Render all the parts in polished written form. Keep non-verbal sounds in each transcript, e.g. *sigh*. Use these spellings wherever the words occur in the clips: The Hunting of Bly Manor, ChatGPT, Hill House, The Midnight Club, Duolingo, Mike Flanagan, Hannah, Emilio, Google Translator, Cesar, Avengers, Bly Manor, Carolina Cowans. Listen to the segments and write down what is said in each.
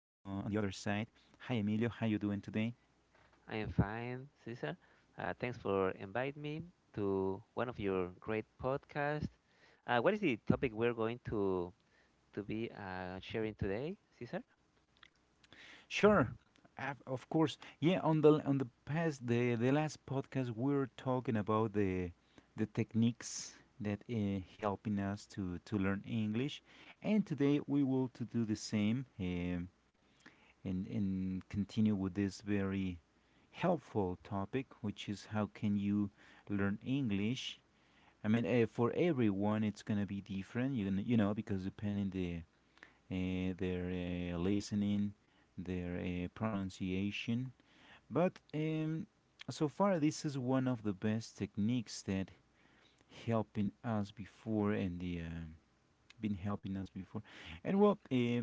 on the other side. Hi Emilio, how you doing today? I am fine, Cesar. Thanks for inviting me to one of your great podcasts. What is the topic we're going to be sharing today, Cesar? Sure, of course. Yeah, on the past the last podcast we were talking about the techniques that helping us to learn English, and today we will to do the same. And continue with this very helpful topic, which is how can you learn English? I mean, for everyone, it's gonna be different, because depending the their listening, their pronunciation. But so far, this is one of the best techniques that helping us before and the been helping us before. And well,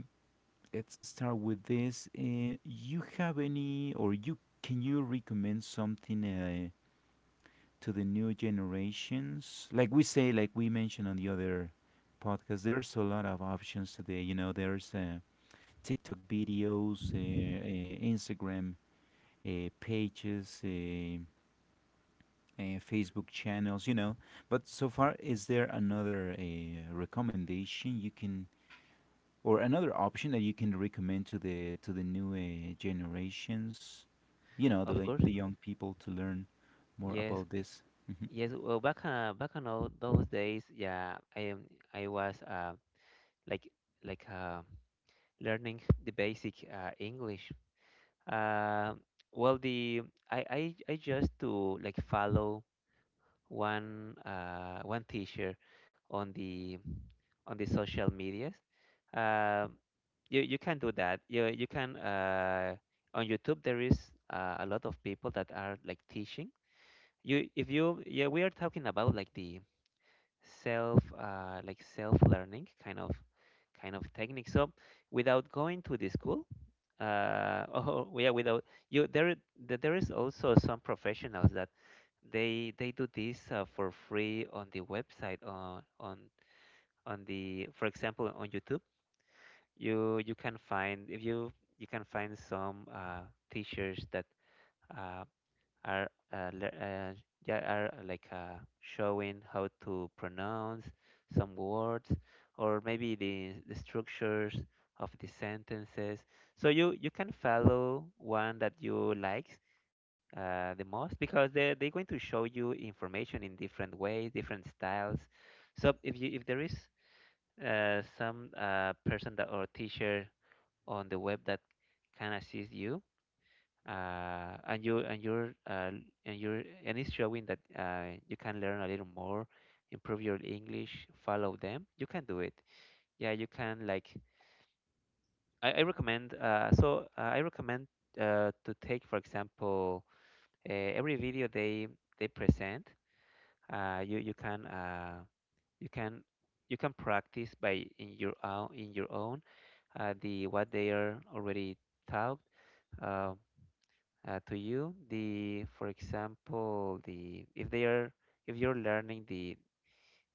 let's start with this. You have any, or you recommend something to the new generations? Like we say, like we mentioned on the other podcast, there's a lot of options today. You know, there's TikTok videos, Instagram pages, Facebook channels. You know, but so far, is there another recommendation you can or another option that you can recommend to the new generations, you know, Of course. the young people to learn more Yes, about this. Hmm. yes. Well, back on all those days, yeah, I am. I was like like uh, learning the basic English. Uh, well, the I just to like follow one teacher on the on the social medias. Um you can do that. You can, on YouTube there is a lot of people that are like teaching. You if you yeah We are talking about like the self like self learning kind of technique. So without going to the school, *laughs* oh yeah, without you there I- th- there is also some professionals that they do this for free on the website, on the for example on YouTube you can find, if you you can find some teachers that uh, are uh, le- uh, yeah, are like showing how to pronounce some words, or maybe the structures of the sentences. So you can follow one that you like the most, because they're going to show you information in different ways, different styles. So if there is some person, that or teacher on the web that can assist you, and you and you're and you're and it's showing that you can learn a little more, improve your English, follow them. You can do it. Yeah, you can like I recommend to take, for example, every video they present. You can, you can you can practice by in your own the what they are already taught. Uh, to you the For example, the if they are, if you're learning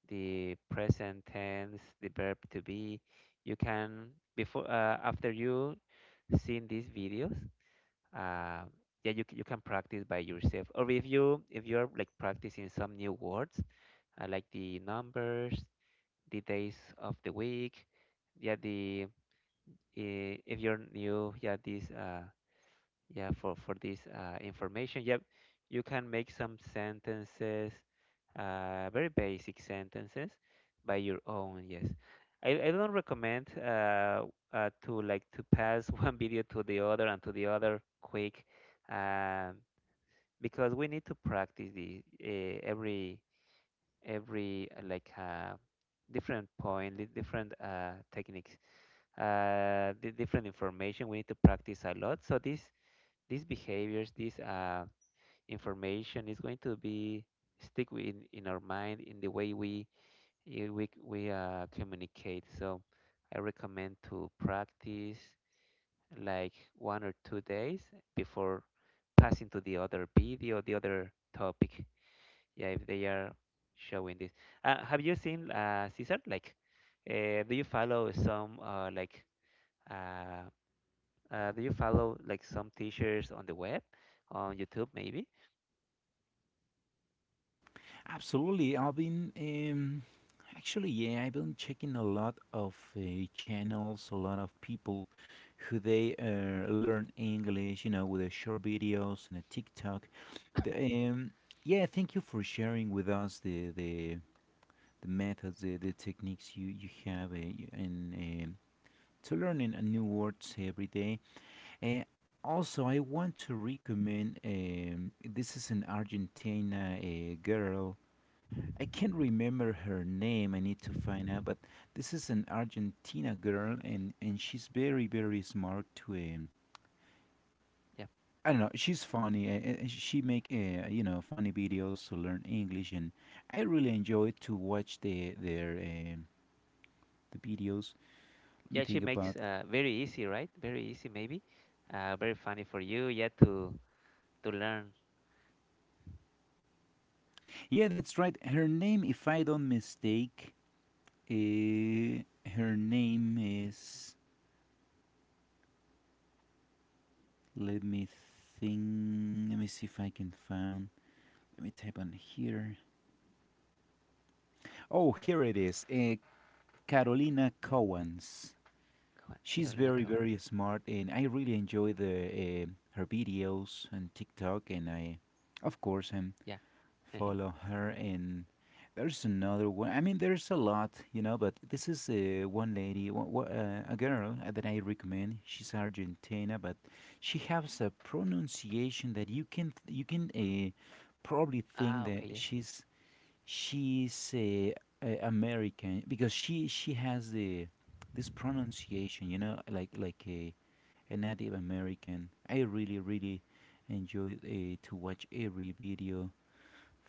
the present tense, the verb to be, you can, before after you seeing these videos, uh, yeah, you can practice by yourself. Or if you if you're like practicing some new words, like the numbers, the days of the week, yeah, if you're new, yeah these yeah for this information, yep, you can make some sentences, very basic sentences by your own. I don't recommend to like to pass *laughs* one video to the other and to the other quick, um, because we need to practice the, every different point, different techniques, the different information. We need to practice a lot, so this these behaviors, this information, is going to be stick in our mind in the way we, communicate. So I recommend to practice like 1 or 2 days before passing to the other video, the other topic. Yeah, if they are showing this. Have you seen, Caesar? Like, do you follow some like uh, do you follow like some teachers on the web, on YouTube maybe? Absolutely, I've been actually, yeah, I've been checking a lot of channels, a lot of people who they learn English, you know, with the short videos and a TikTok. The, um, yeah, thank you for sharing with us the methods, the techniques you have to learning a new words every day. Uh, also, I want to recommend this is an Argentina girl. I can't remember her name. I need to find out. But this is an Argentina girl, and, she's very very smart. To Yeah. I don't know. She's funny. She make funny videos to learn English, and I really enjoy to watch the videos. Let me Yeah, she think makes about. Very easy, right? Very easy, maybe very funny for you, yeah, to learn. Yeah, that's right. Her name, if I don't mistake, Eh, her name is. Let me think. Let me see if I can find. Let me type on here. Oh, here it is. Yeah, Carolina Cowans. Cohen's, She's Carolina very, Cohen. very smart, and I really enjoy the uh, her videos on TikTok. And I, of course, I'm Yeah. follow *laughs* her, and there's another one. I mean, there's a lot, you know, but this is one lady a girl that I recommend. She's Argentina, but she has a pronunciation that you can probably think Ah, okay, that yes, she's American, because she has the this pronunciation, you know, like a native American. I really really enjoy to watch every video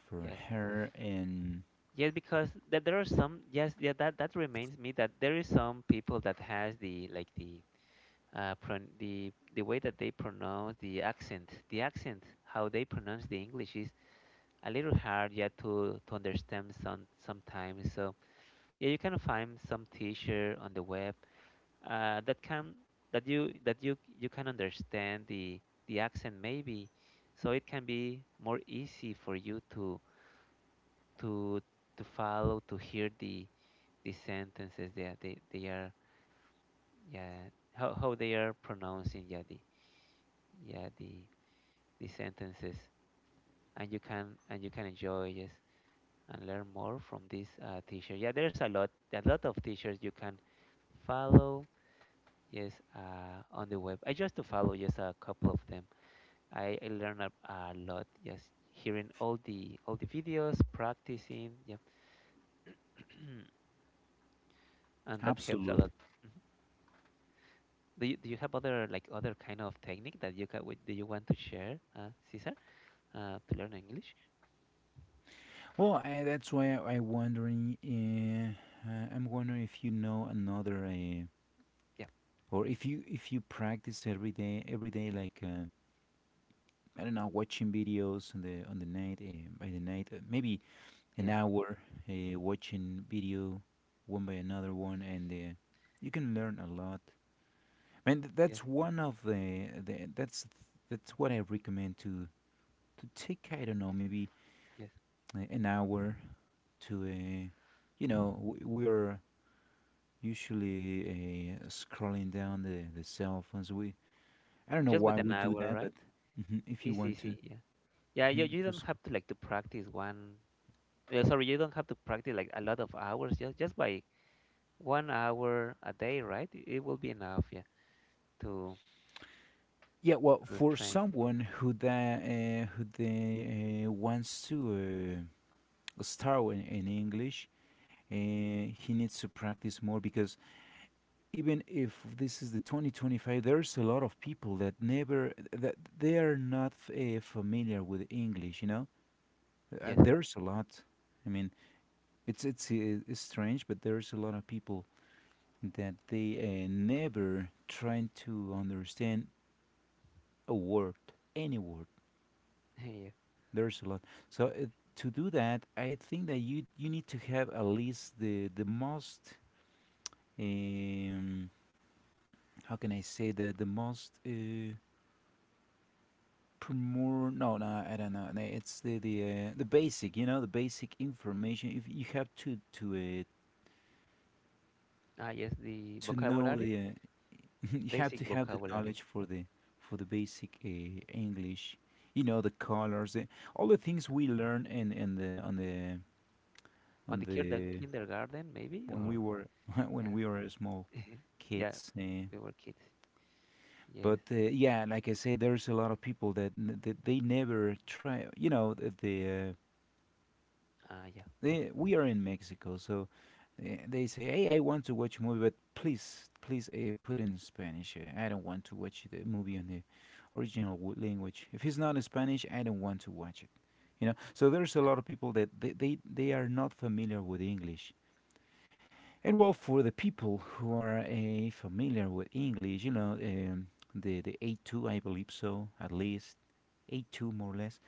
for yes, her, and yes, because that there are some, yes, yeah, that that reminds me that there is some people that has the, like, the pron the way that they pronounce, the accent, the accent, how they pronounce the English is a little hard, yeah, to understand sometimes. So yeah, you can find some teacher on the web, that can, that you can understand the accent maybe, so it can be more easy for you to to follow, to hear the sentences that they are, yeah, how they are pronouncing, yeah, yeah the the sentences, and you can, and you can enjoy, yes, and learn more from this teacher. Yeah, there's a lot, a lot of teachers you can follow. Yes, on the web I just to follow just a couple of them. I learn a lot just hearing all the videos, practicing, yeah, *clears throat* and that helps a absolutely. lot. Mhm. Do you have other like other kind of technique that you can with, do you want to share, Cesar, to learn English? Well, that's why I wondering I'm wondering if you know another, Yeah, or if you practice every day like I don't know, watching videos on the night, by the night, maybe an yes, hour watching video one by another one, and you can learn a lot, man. That's yes, one of the that's what I recommend. To take, I don't know, maybe yes. An hour to a, you know, we, are usually scrolling down the cell phones. We I don't know Just why with an we do hour, that, but right? mhm, if you Easy, want to, easy, yeah. Yeah, mhm, you to don't scroll. have to like to practice one. Yeah, sorry, you don't have to practice like a lot of hours. Just by 1 hour a day, right? It will be enough, yeah, to Yeah, well, to for train. someone who that who they wants to start in English, he needs to practice more, because even if this is the 2025, there's a lot of people that never that they are not familiar with English, you know. Uh, Yes, there's a lot. I mean, it's strange, but there's a lot of people that they never trying to understand a word, any word. *laughs* yeah. There's a lot. So to do that, I think that you need to have at least the most. Um how can I say that, the most, more, no, no, I don't know, no, it's the basic, you know, the basic information. If you have to Ah, yes, the to know vocabulary, the *laughs* you have to basic have the vocabulary. knowledge for the basic English. You know, the colors, all the things Yeah. we learn in the on the On on the the kindergarten, maybe, when we or were *laughs* when yeah, we were small *laughs* yeah, kids. Uh, we were kids. Yes. but uh, yeah, like I said, there's a lot of people that that they never try. You know, the, the uh, Ah, yeah, Eh, we are in Mexico, so eh, they say, "Hey, I want to watch a movie, but please, please, put in Spanish. I don't want to watch the movie in the original language. If it's not in Spanish, I don't want to watch it." You know, so there's a yeah, lot of people that they are not familiar with English, and well, for the people who are familiar with English, you know, the A2, I believe so, at least A2, more or less,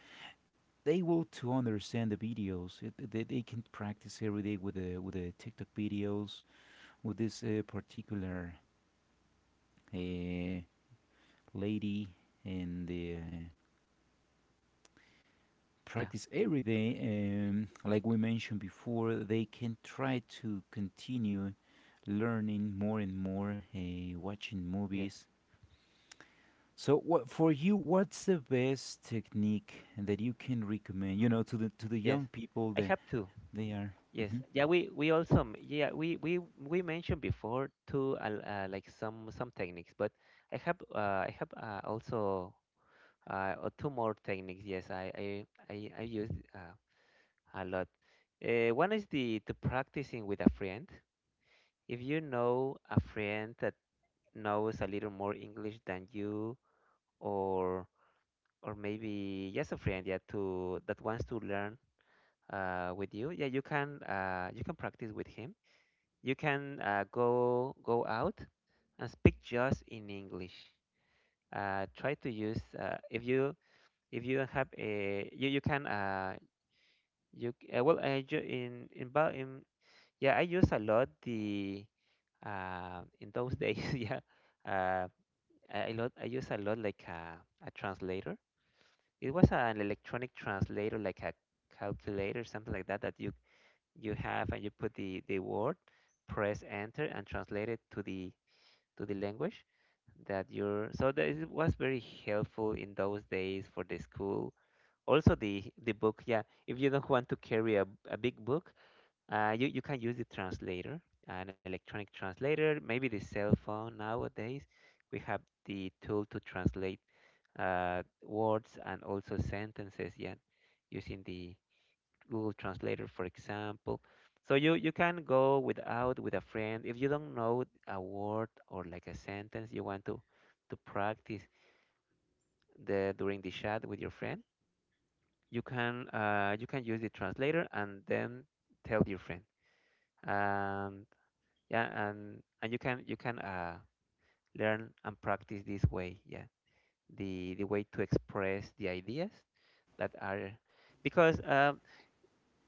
they will to understand the videos. It, they can practice every day with the TikTok videos, with this particular uh, lady and the. uh, yeah, practice every day, and like we mentioned before, they can try to continue learning more and more, watching yes, movies. So what for you, what's the best technique that you can recommend, you know, to the yes. young people I that have two. they are Yes. mhm. Yeah, we also we mentioned before two, like some techniques, but I have also two more techniques. Yes, I use a lot. One is the practicing with a friend. If you know a friend that knows a little more English than you, or or maybe just a friend, yeah, to that wants to learn with you, yeah, you can, you can practice with him. You can go out and speak just in English. Try to use, if you have a, you can, you well I ju- in, Ba- in yeah I use a lot the, in those days *laughs* yeah, uh, I use a lot like a translator. It was an electronic translator, like a calculator, something like that, that you have and you put the word, press enter, and translate it to the language that you're. So that it was very helpful in those days for the school. Also the book, yeah. If you don't want to carry a big book, you can use the translator, an electronic translator, maybe the cell phone nowadays. We have the tool to translate words and also sentences, yeah, using the Google Translator, for example. So you can go without, with a friend. If you don't know a word or like a sentence you want to practice the during the chat with your friend, you can, you can use the translator and then tell your friend. Um, yeah, and you can learn and practice this way, yeah, the way to express the ideas that are, because um,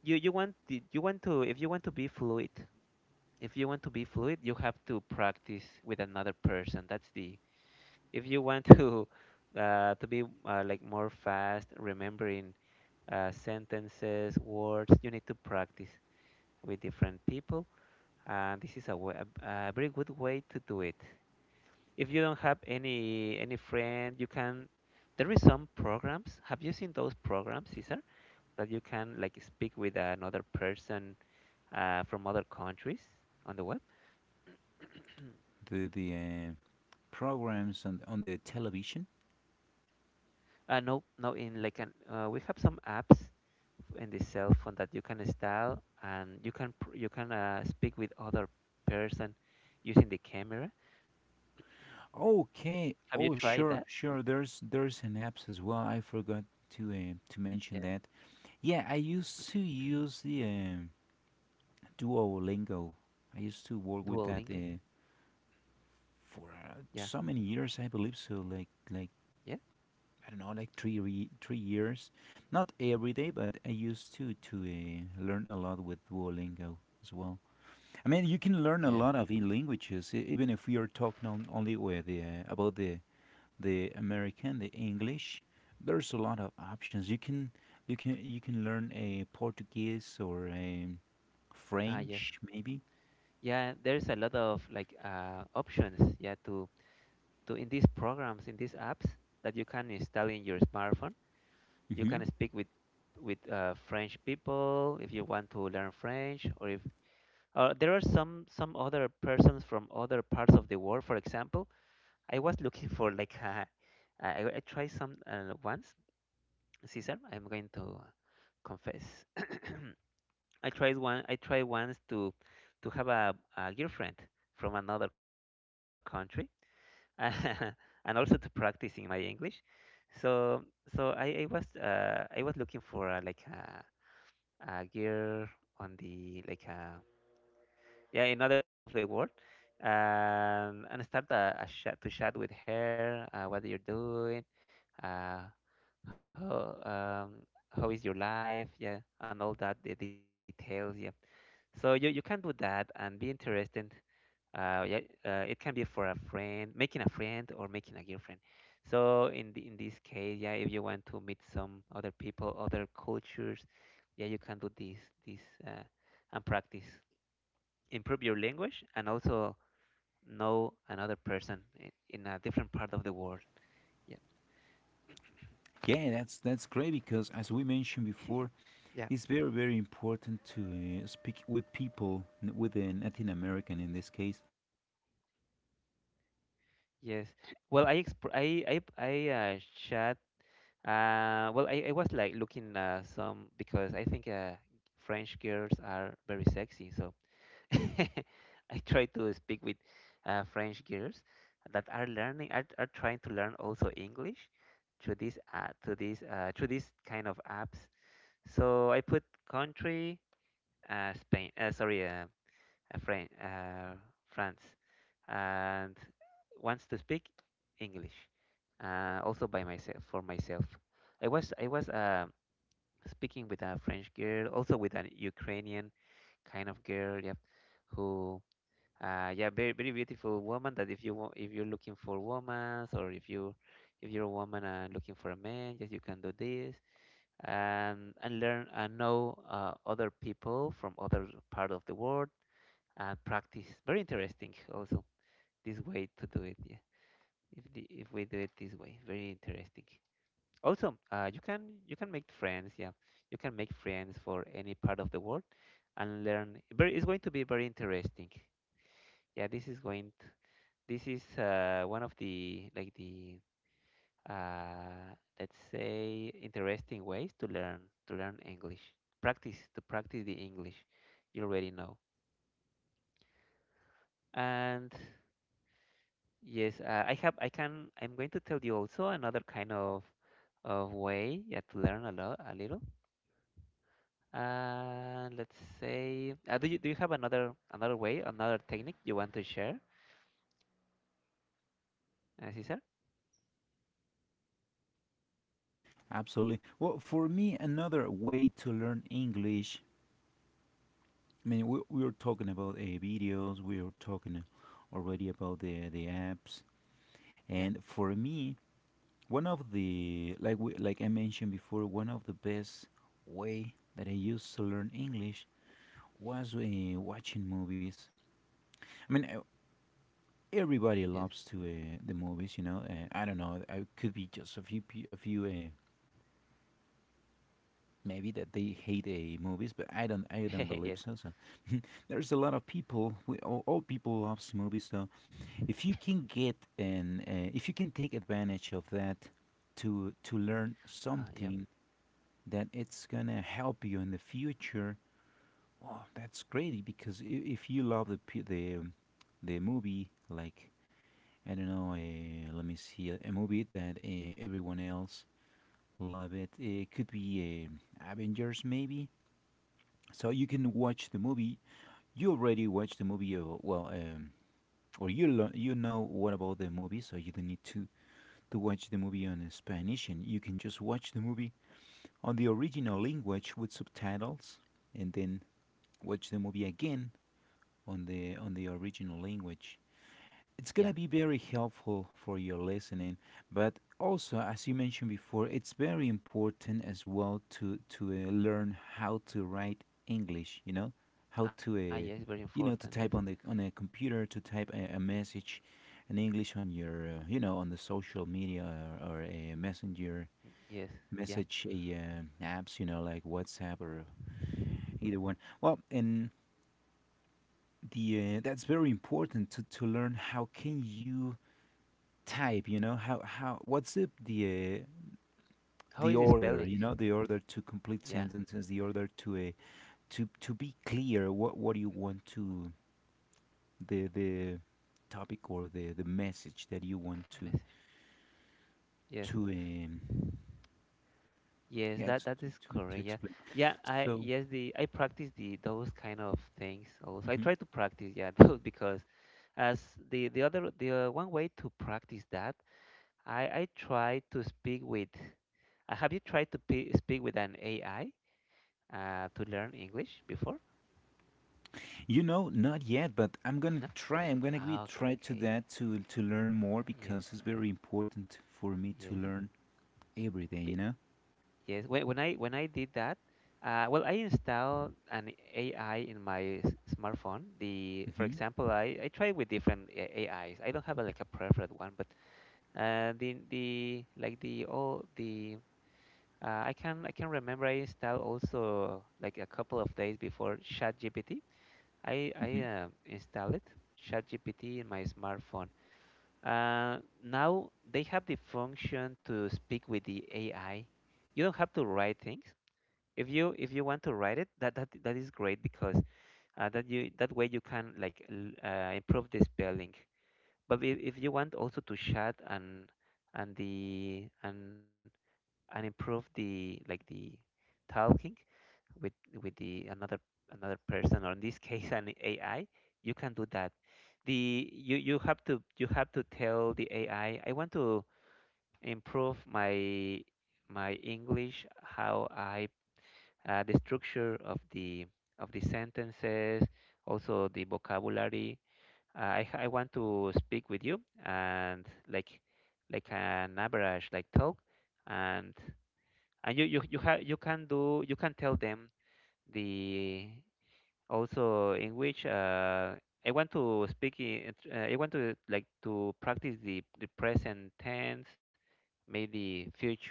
you you want the, you want to, if you want to be fluid, if you want to be fluid, you have to practice with another person. That's the, if you want *laughs* to be like more fast remembering sentences, words, you need to practice with different people, and this is way, a very good way to do it. If you don't have any friend, you can, there is some programs. Have you seen those programs, Cesar, that you can like speak with another person from other countries on the web? *clears throat* The programs on the television? No, in like an, we have some apps in the cell phone that you can install, and you can speak with other person using the camera. Okay. Have you Oh, tried sure, that? sure. There's an apps as well. I forgot to mention Yeah. that. Yeah, I used to *clears throat* use the Duolingo. I used to work with that Duolingo. For Yeah, so many years, I believe. So like yeah, I don't know, like 3 years. Not every day, but I used to learn a lot with Duolingo as well. I mean, you can learn a yeah, yes, lot of languages, even if we are talking on only with the, about the American, the English. There's a lot of options. You can you can learn a Portuguese or a ah yes. French maybe. Yeah, there's a lot of like options. Yeah, to in these programs, in these apps that you can install in your smartphone, you Hmm. can speak with French people if you want to learn French, or if there are some other persons from other parts of the world. For example, I was looking for like I tried some once. Caesar, I'm going to confess. *coughs* *clears throat* I tried one. I tried once to have a girlfriend from another country *laughs* and also to practicing my English. So I was, I was looking for like a gear on the, like yeah, another part of the world, and start a chat, to chat with her. What you're doing, uh, how um, how is your life? Yeah, and all that the details. Yeah. So you can do that and be interested, yeah, it can be for a friend, making a friend or making a girlfriend. So in this case, yeah, if you want to meet some other people, other cultures, yeah, you can do this uh, and practice, improve your language, and also know another person in a different part of the world. Yeah, Yeah, that's great, because as we mentioned before, yeah. it's very very important to speak with people, with a Latin American in this case. Yes. Well, I chat. Well, I was like looking, some, because I think, French girls are very sexy, so. *laughs* I try to speak with, French girls that are trying to learn also English through this kind of apps. So I put country, Spain, sorry, uh, Fran- uh, France, and wants to speak English, also by myself for myself. I was speaking with a French girl, also with an Ukrainian kind of girl, yeah, who, yeah, very very beautiful woman. That if if you're looking for women, or if you if you're a woman and looking for a man, yes, you can do this, and learn and know, other people from other part of the world, and practice. Very interesting, also this way to do it. Yeah, if if we do it this way, very interesting. Also, you can make friends. Yeah, you can make friends for any part of the world and learn. Very, it's going to be very interesting. Yeah, this is going. This is, one of the like the, uh, let's say interesting ways to learn English. Practice to practice the English you already know. And yes, I have I can I'm going to tell you also another kind of way, yeah, to learn a little. Let's say, do you have another way, another technique you want to share, Cesar? Absolutely. Well, for me, another way to learn English. I mean, we were talking about videos. We were talking already about the apps. Yeah. And for me, one of the, like I mentioned before, one of the best way that I used to learn English was watching movies. I mean, everybody Yes. loves to the movies, you know. I don't know. I could be just a few a few, maybe that they hate movies, but I don't, *laughs* believe Yes. so. So *laughs* there's a lot of people. We all people loves movies. So if you can get, and if you can take advantage of that to learn Yeah. something that it's gonna help you in the future. Wow, that's great, because if you love the the, the movie, like, I don't know, let me see a movie that everyone else love it. It could be Avengers maybe. So you can watch the movie. You already watched the movie. Well or you you know what about the movie, so you don't need to watch the movie on Spanish, and you can just watch the movie on the original language with subtitles, and then watch the movie again on the original language. It's Yeah. gonna be very helpful for your listening, but also, as you mentioned before, it's very important as well to learn how to write English. You know, how Ah, to yes. Very important. you Yes. know, to type on the on a computer, to type a message in English on your you know, on the social media or a messenger Yes, yeah. message, a apps, you know, like WhatsApp or either one. Well, and the, that's very important, to learn how can you type, you know, how, what's uh, How the is the order, spelling? you know, the order to complete Yeah, sentences, the order to a, to be clear what you want to, the, topic or the message that you want the to, message. Yes, to um yes, yeah, to that to, is to correct. Yeah, explain, yeah. I so yes, the I practice the those kind of things also. I mhm. try to practice, yeah, *laughs* those because, as the other the one way to practice that, I try to speak with. Have you tried to pe speak with an AI, to learn English before? You know, not yet, but I'm gonna No. try. I'm gonna be Ah, try to okay. that to learn more Yes. because it's very important for me to Yes. learn every day, you know? Yes, when, when I did that, well, I installed an AI in my smartphone. For Hmm. example, I try with different AIs. I don't have a, like a preferred one, but, the like the all the I can remember I installed also like a couple of days before ChatGPT. I I Hmm. uh, installed it ChatGPT in my smartphone. Uh, Now they have the function to speak with the AI. You don't have to write things. If you if you want to write it, that is great because, that way you can, like, improve the spelling. But if you want also to chat, and the and improve the, like the talking, with the another person, or in this *laughs* case an AI, you can do that. The you you have to You have to tell the AI, I want to improve my English, how I, the structure of the sentences, also the vocabulary. I want to speak with you, and, like an average, like talk. And you can do, you can tell them the also in which, I want to speak in, I want to, like, to practice the present tense, maybe future,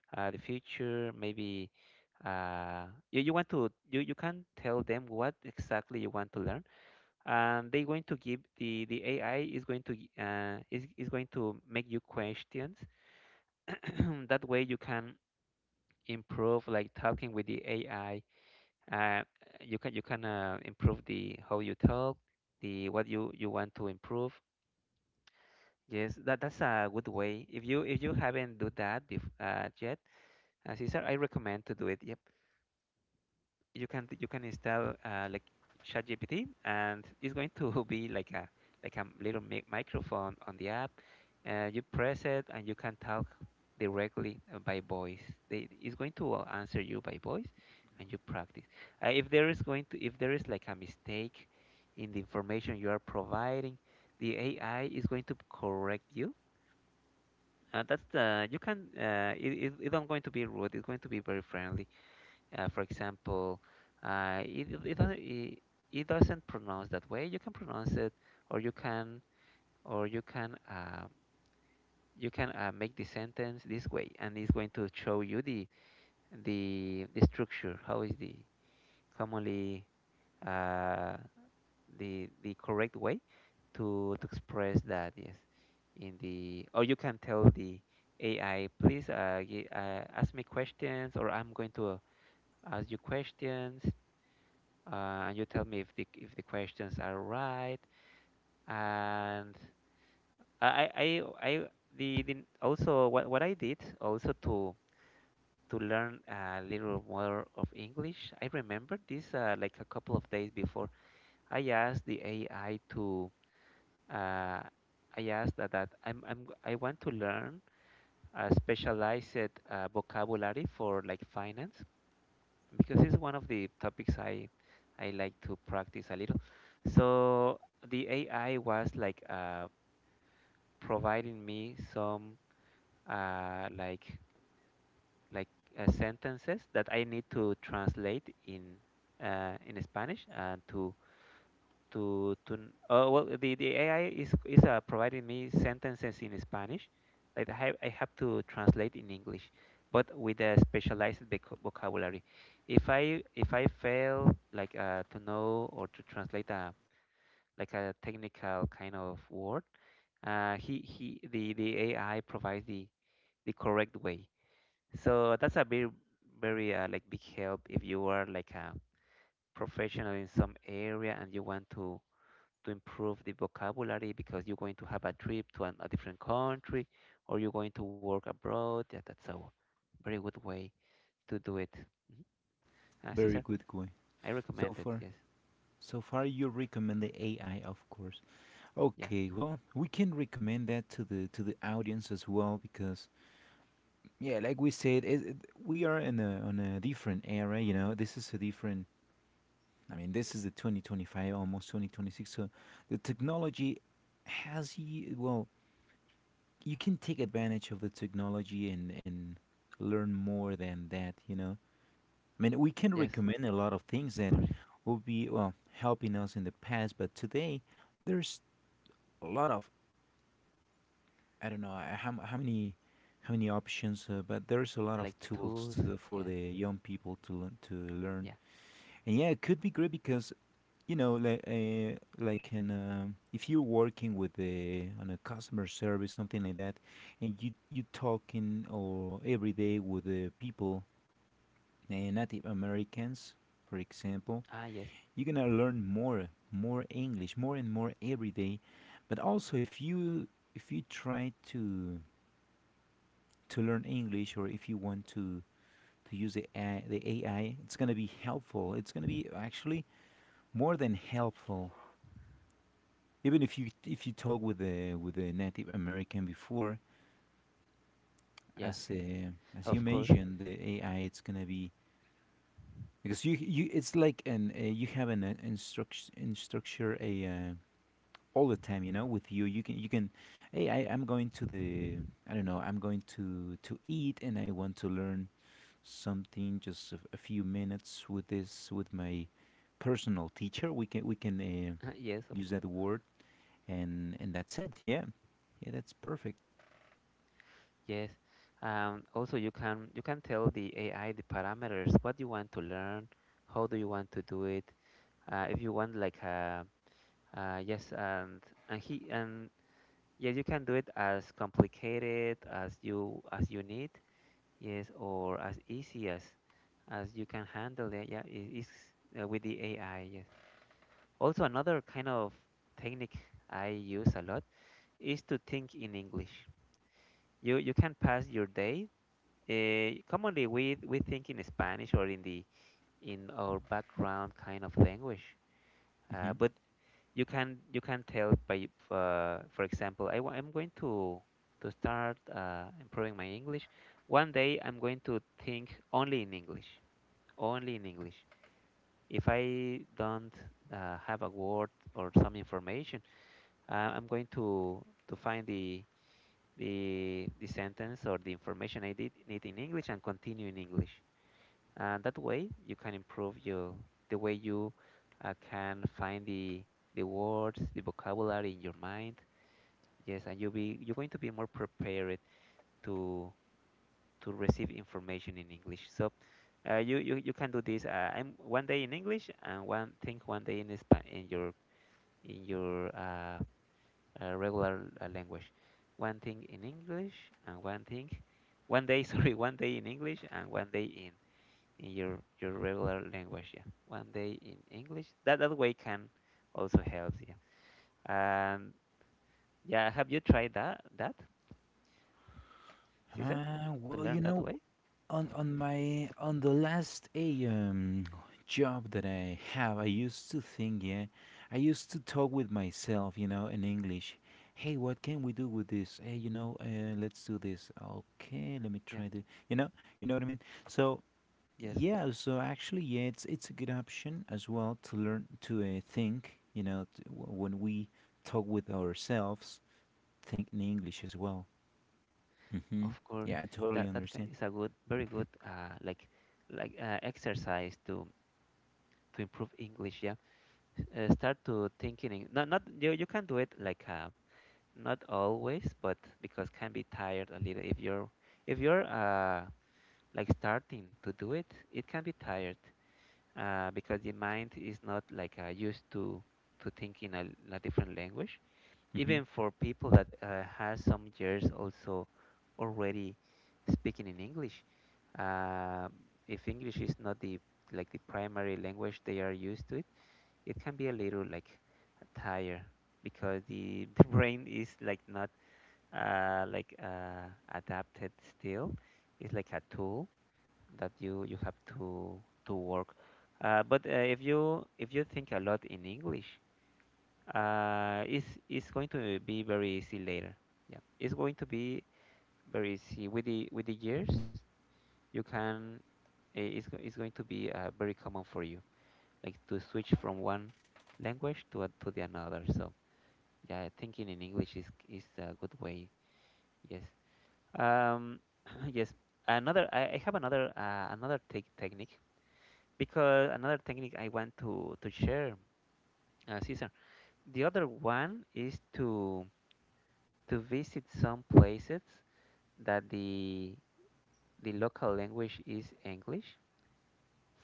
the future, maybe. uh, you, you want to You can tell them what exactly you want to learn, and they going to give the AI is going to, is going to make you questions. *coughs* *clears throat* That way you can improve, like, talking with the AI. Uh, you can, you can improve the how you talk, the what you want to improve. Yes, that's a good way. If you haven't do that, bef yet, Cesar, I recommend to do it. Yep. You can install, like, ChatGPT, and it's going to *laughs* be like a, like a little microphone on the app. You press it, and you can talk directly, by voice. It's going to, answer you by voice, and you practice. If there is going to if there is like a mistake in the information you are providing, the AI is going to correct you. That's the you can, it's not going to be rude. It's going to be very friendly, for example, uh, it, it, it, doesn't- it, it doesn't pronounce that way. You can pronounce it, or you can, or you can make the sentence this way, and it's going to show you the structure. How is the commonly, uh, the correct way to express that? Yes, in the or you can tell the AI, please, ask me questions, or I'm going to, ask you questions, and you tell me if the questions are right. And I I I I- the also what I did also to learn a little more of English. I remember this, like a couple of days before. I asked the AI to uh, I asked that, I want to learn a specialized, vocabulary for, like, finance, because it's one of the topics I like to practice a little. So the AI was like, providing me some, uh, like like sentences that I need to translate in Spanish, and to well the AI is providing me sentences in Spanish that I have to translate in English, but with a specialized, vocabulary. If I fail, like, to know or to translate a, like a technical kind of word, he the AI provides the correct way. So that's a very very, like, big help if you are, like, a professional in some area, and you want to improve the vocabulary, because you're going to have a trip to a different country, or you're going to work abroad. Yeah, that's a very good way to do it. Mhm. Very Caesar, good going. I So recommend it. far, Yes, so far you recommend the AI, of course. yeah, Okay, well, we can recommend that to the audience as well because yeah, like we said, we are in a different era, you know. This is a different This is the 2025, almost 2026. So the technology has well, you can take advantage of the technology and learn more than that, you know. I mean, we can yes, recommend a lot of things that of course. will be well helping us in the past, but today there's a lot of I don't know, how many options, but there's a lot Like of tools tools. to, for Yeah, the young people to learn, to learn. yeah. And yeah, it could be great because you know like an if you're working with a customer service something like that, and you talking or every day with the people, Native Americans, for example. Ah, yes, You're gonna learn more english more and more every day. But also if you, if you try to learn english, or if you want to use the AI, the AI it's gonna be helpful. It's gonna be actually more than helpful, even if you talk with the with a native american before. yeah, yes, As as you of course. mentioned, the AI it's gonna be, because you it's like an you have an instructure a all the time you know with you. You can you can, hey I, I'm going to the I don't know I'm going to eat and I want to learn something just a few minutes with this, with my personal teacher. We can *laughs* Yes, of use course. that word. And that's it. Yeah, yeah, that's perfect. Yes. Also, you can tell the AI the parameters. What you want to learn? How do you want to do it? If you want like a Yes, and he and yes, you can do it as complicated as you need. Yes, or as easy as you can handle it. Yeah, it is, with the AI. Yes. Also, another kind of technique I use a lot is to think in English. You can pass your day. Commonly, we think in Spanish, or in our background kind of language. Hmm But you can tell by, for example, I'm going to start, improving my English. One day I'm going to think only in English, only in English. If I don't, have a word or some information, I'm going to find the, the sentence or the information I did need in English, and continue in English. And that way you can improve your, the way you, can find the, words, the vocabulary in your mind. Yes, and you're going to be more prepared to receive information in English. So, you can do this. I'm one day in English, and one day in, Spa in your, in your uh, regular, language. One thing in English, and one thing, one day, *laughs* sorry, one day in English, and one day in your regular language. Yeah, one day in English. That way can also help. Yeah, and yeah, have you tried that, Caesar, to well, you learn that know, way? On my on the last a job that I have, I used to think, yeah, I used to talk with myself, you know, in English. Hey, what can we do with this? Hey, you know, let's do this. Okay, let me Yeah, try this. You know what I mean. So yes, yeah, so actually, yeah, it's a good option as well to learn to think. You know, when we talk with ourselves, think in English as well. hmm of course. Yeah, I totally That understand. is a good, very good, exercise to improve English. Yeah, start to thinking. Not you can do it, like, not always, but because can be tired a little, if you're if you're, like, starting to do it, it can be tired, because the mind is not, like, used to thinking a different language, Mm-hmm. even for people that, has some years also already speaking in English. Um, if English is not the, like the primary language they are used to it, it can be a little like tire, because *laughs* the brain is, like, not, uh, like uh, adapted still. It's like a tool that you have to work. But, if you think a lot in English, it's going to be very easy later. Yeah, it's going to be very easy with the, years. You can, it's going to be, very common for you, like, to switch from one language to to the another. So yeah, thinking in English is a good way. Yes. Um. *clears throat* Yes. Another. I have another, technique, because another technique I want to share, Cesar. The other one is to visit some places that the local language is English.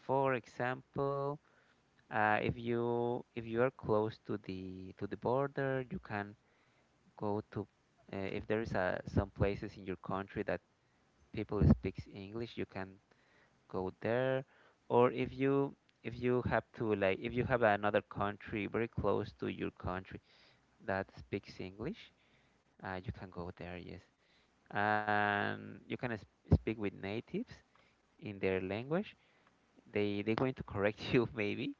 For example, if you are close to the, border, you can go to. If there is a, some places in your country that people speaks English, you can go there. Or if you have to like if you have another country very close to your country that speaks English, you can go there. Yes. And you can, speak with natives in their language. They're going to correct *laughs* you, maybe.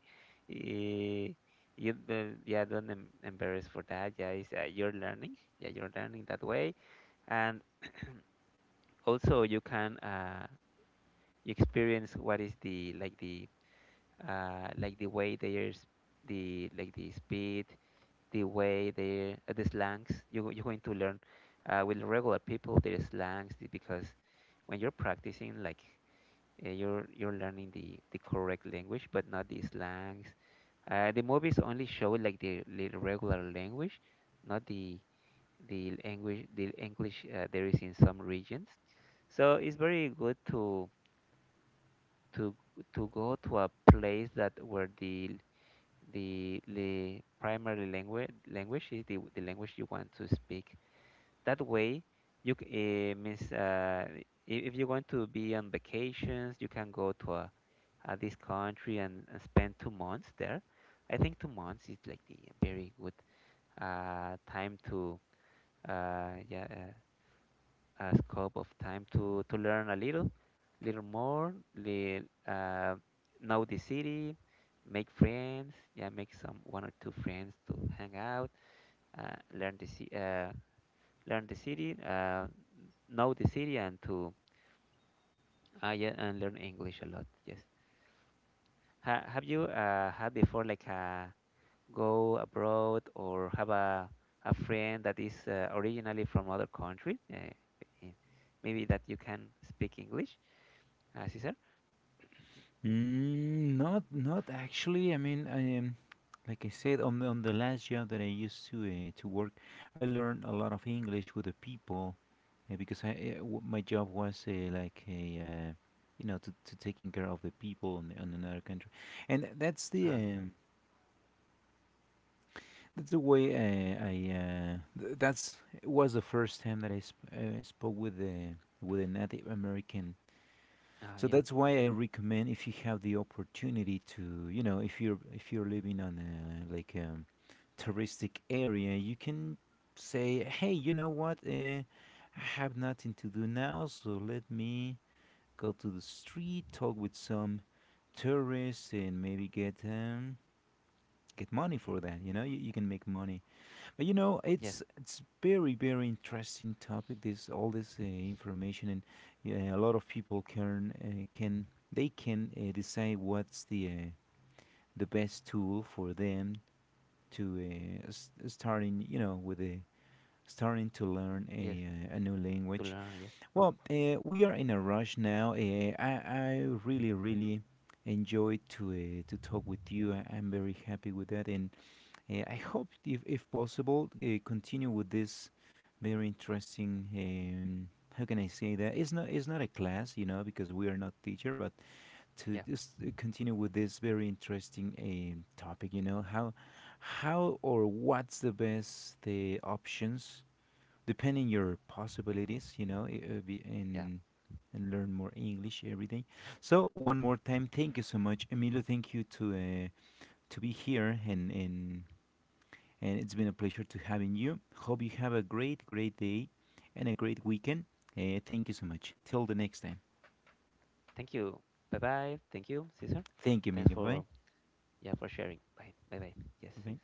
Eh, you don't, yeah, don't, embarrass for that. Yeah, it's, you're learning. Yeah, you're learning that way, and also you can, you experience what is the, like the, like the way there's the, like the speed, the way they, the slangs. You you're going to learn, with regular people, their slangs, because when you're practicing, like, you're learning the, correct language, but not the slangs. The movies only show, like the regular language, not the language, the english, there is in some regions. So it's very good to, to go to a place that where the, the primary language is the language you want to speak. That way you, eh, means uh, i- if you want to be on vacations, you can go to a at this country, and spend 2 months there. I think 2 months is, like the very good, time to, uh, yeah uh, scope of time, to learn a little, little more, uh, know the city, make friends, yeah, make some one or two friends to hang out, uh, learn the ci- uh, learn the city, know the city, and to, yeah, and learn English a lot. Yes. Have you, had before, like a go abroad, or have a friend that is, originally from other country, eh, maybe, that you can speak English, Cesar? Mm, not not actually. I mean, I like I said on on the last job that I used to work, I learned a lot of English with the people, because I my job was like a you know to taking care of the people in another country, and Ah, yeah. That's the way I that's it was the first time that I spoke with the with a Native American. Ah, So yeah. that's why I recommend, if you have the opportunity to, you know, if you're living on a like a touristic area, you can say, "Hey, you know what? I have nothing to do now, so let me go to the street, talk with some tourists, and maybe get money for that. You know, you can make money." You know, Yes. it's very very interesting topic. This all this information. And yeah, a lot of people can can, they can decide what's the best tool for them to starting, you know, with a starting to learn Yes. A new To language. learn. Yeah. Well, we are in a rush now. I really really enjoyed to talk with you. I, I'm very happy with that. And I hope, if possible, continue with this very interesting. How can I say that? It's not a class, you know, because we are not teacher, but to Yeah. just continue with this very interesting topic, you know, how or what's the best the options depending your possibilities, you know, Yeah. And learn more English every day. So one more time, thank you so much, Emilio. Thank you to be here and it's been a pleasure to having you. Hope you have a great, great day and a great weekend. Thank you so much. Till the next time. Thank you. Bye bye. Thank you, Cesar. Thank you, Thanks Emilio. Bye. for, yeah, for sharing. Bye. Bye bye. Yes. Bye.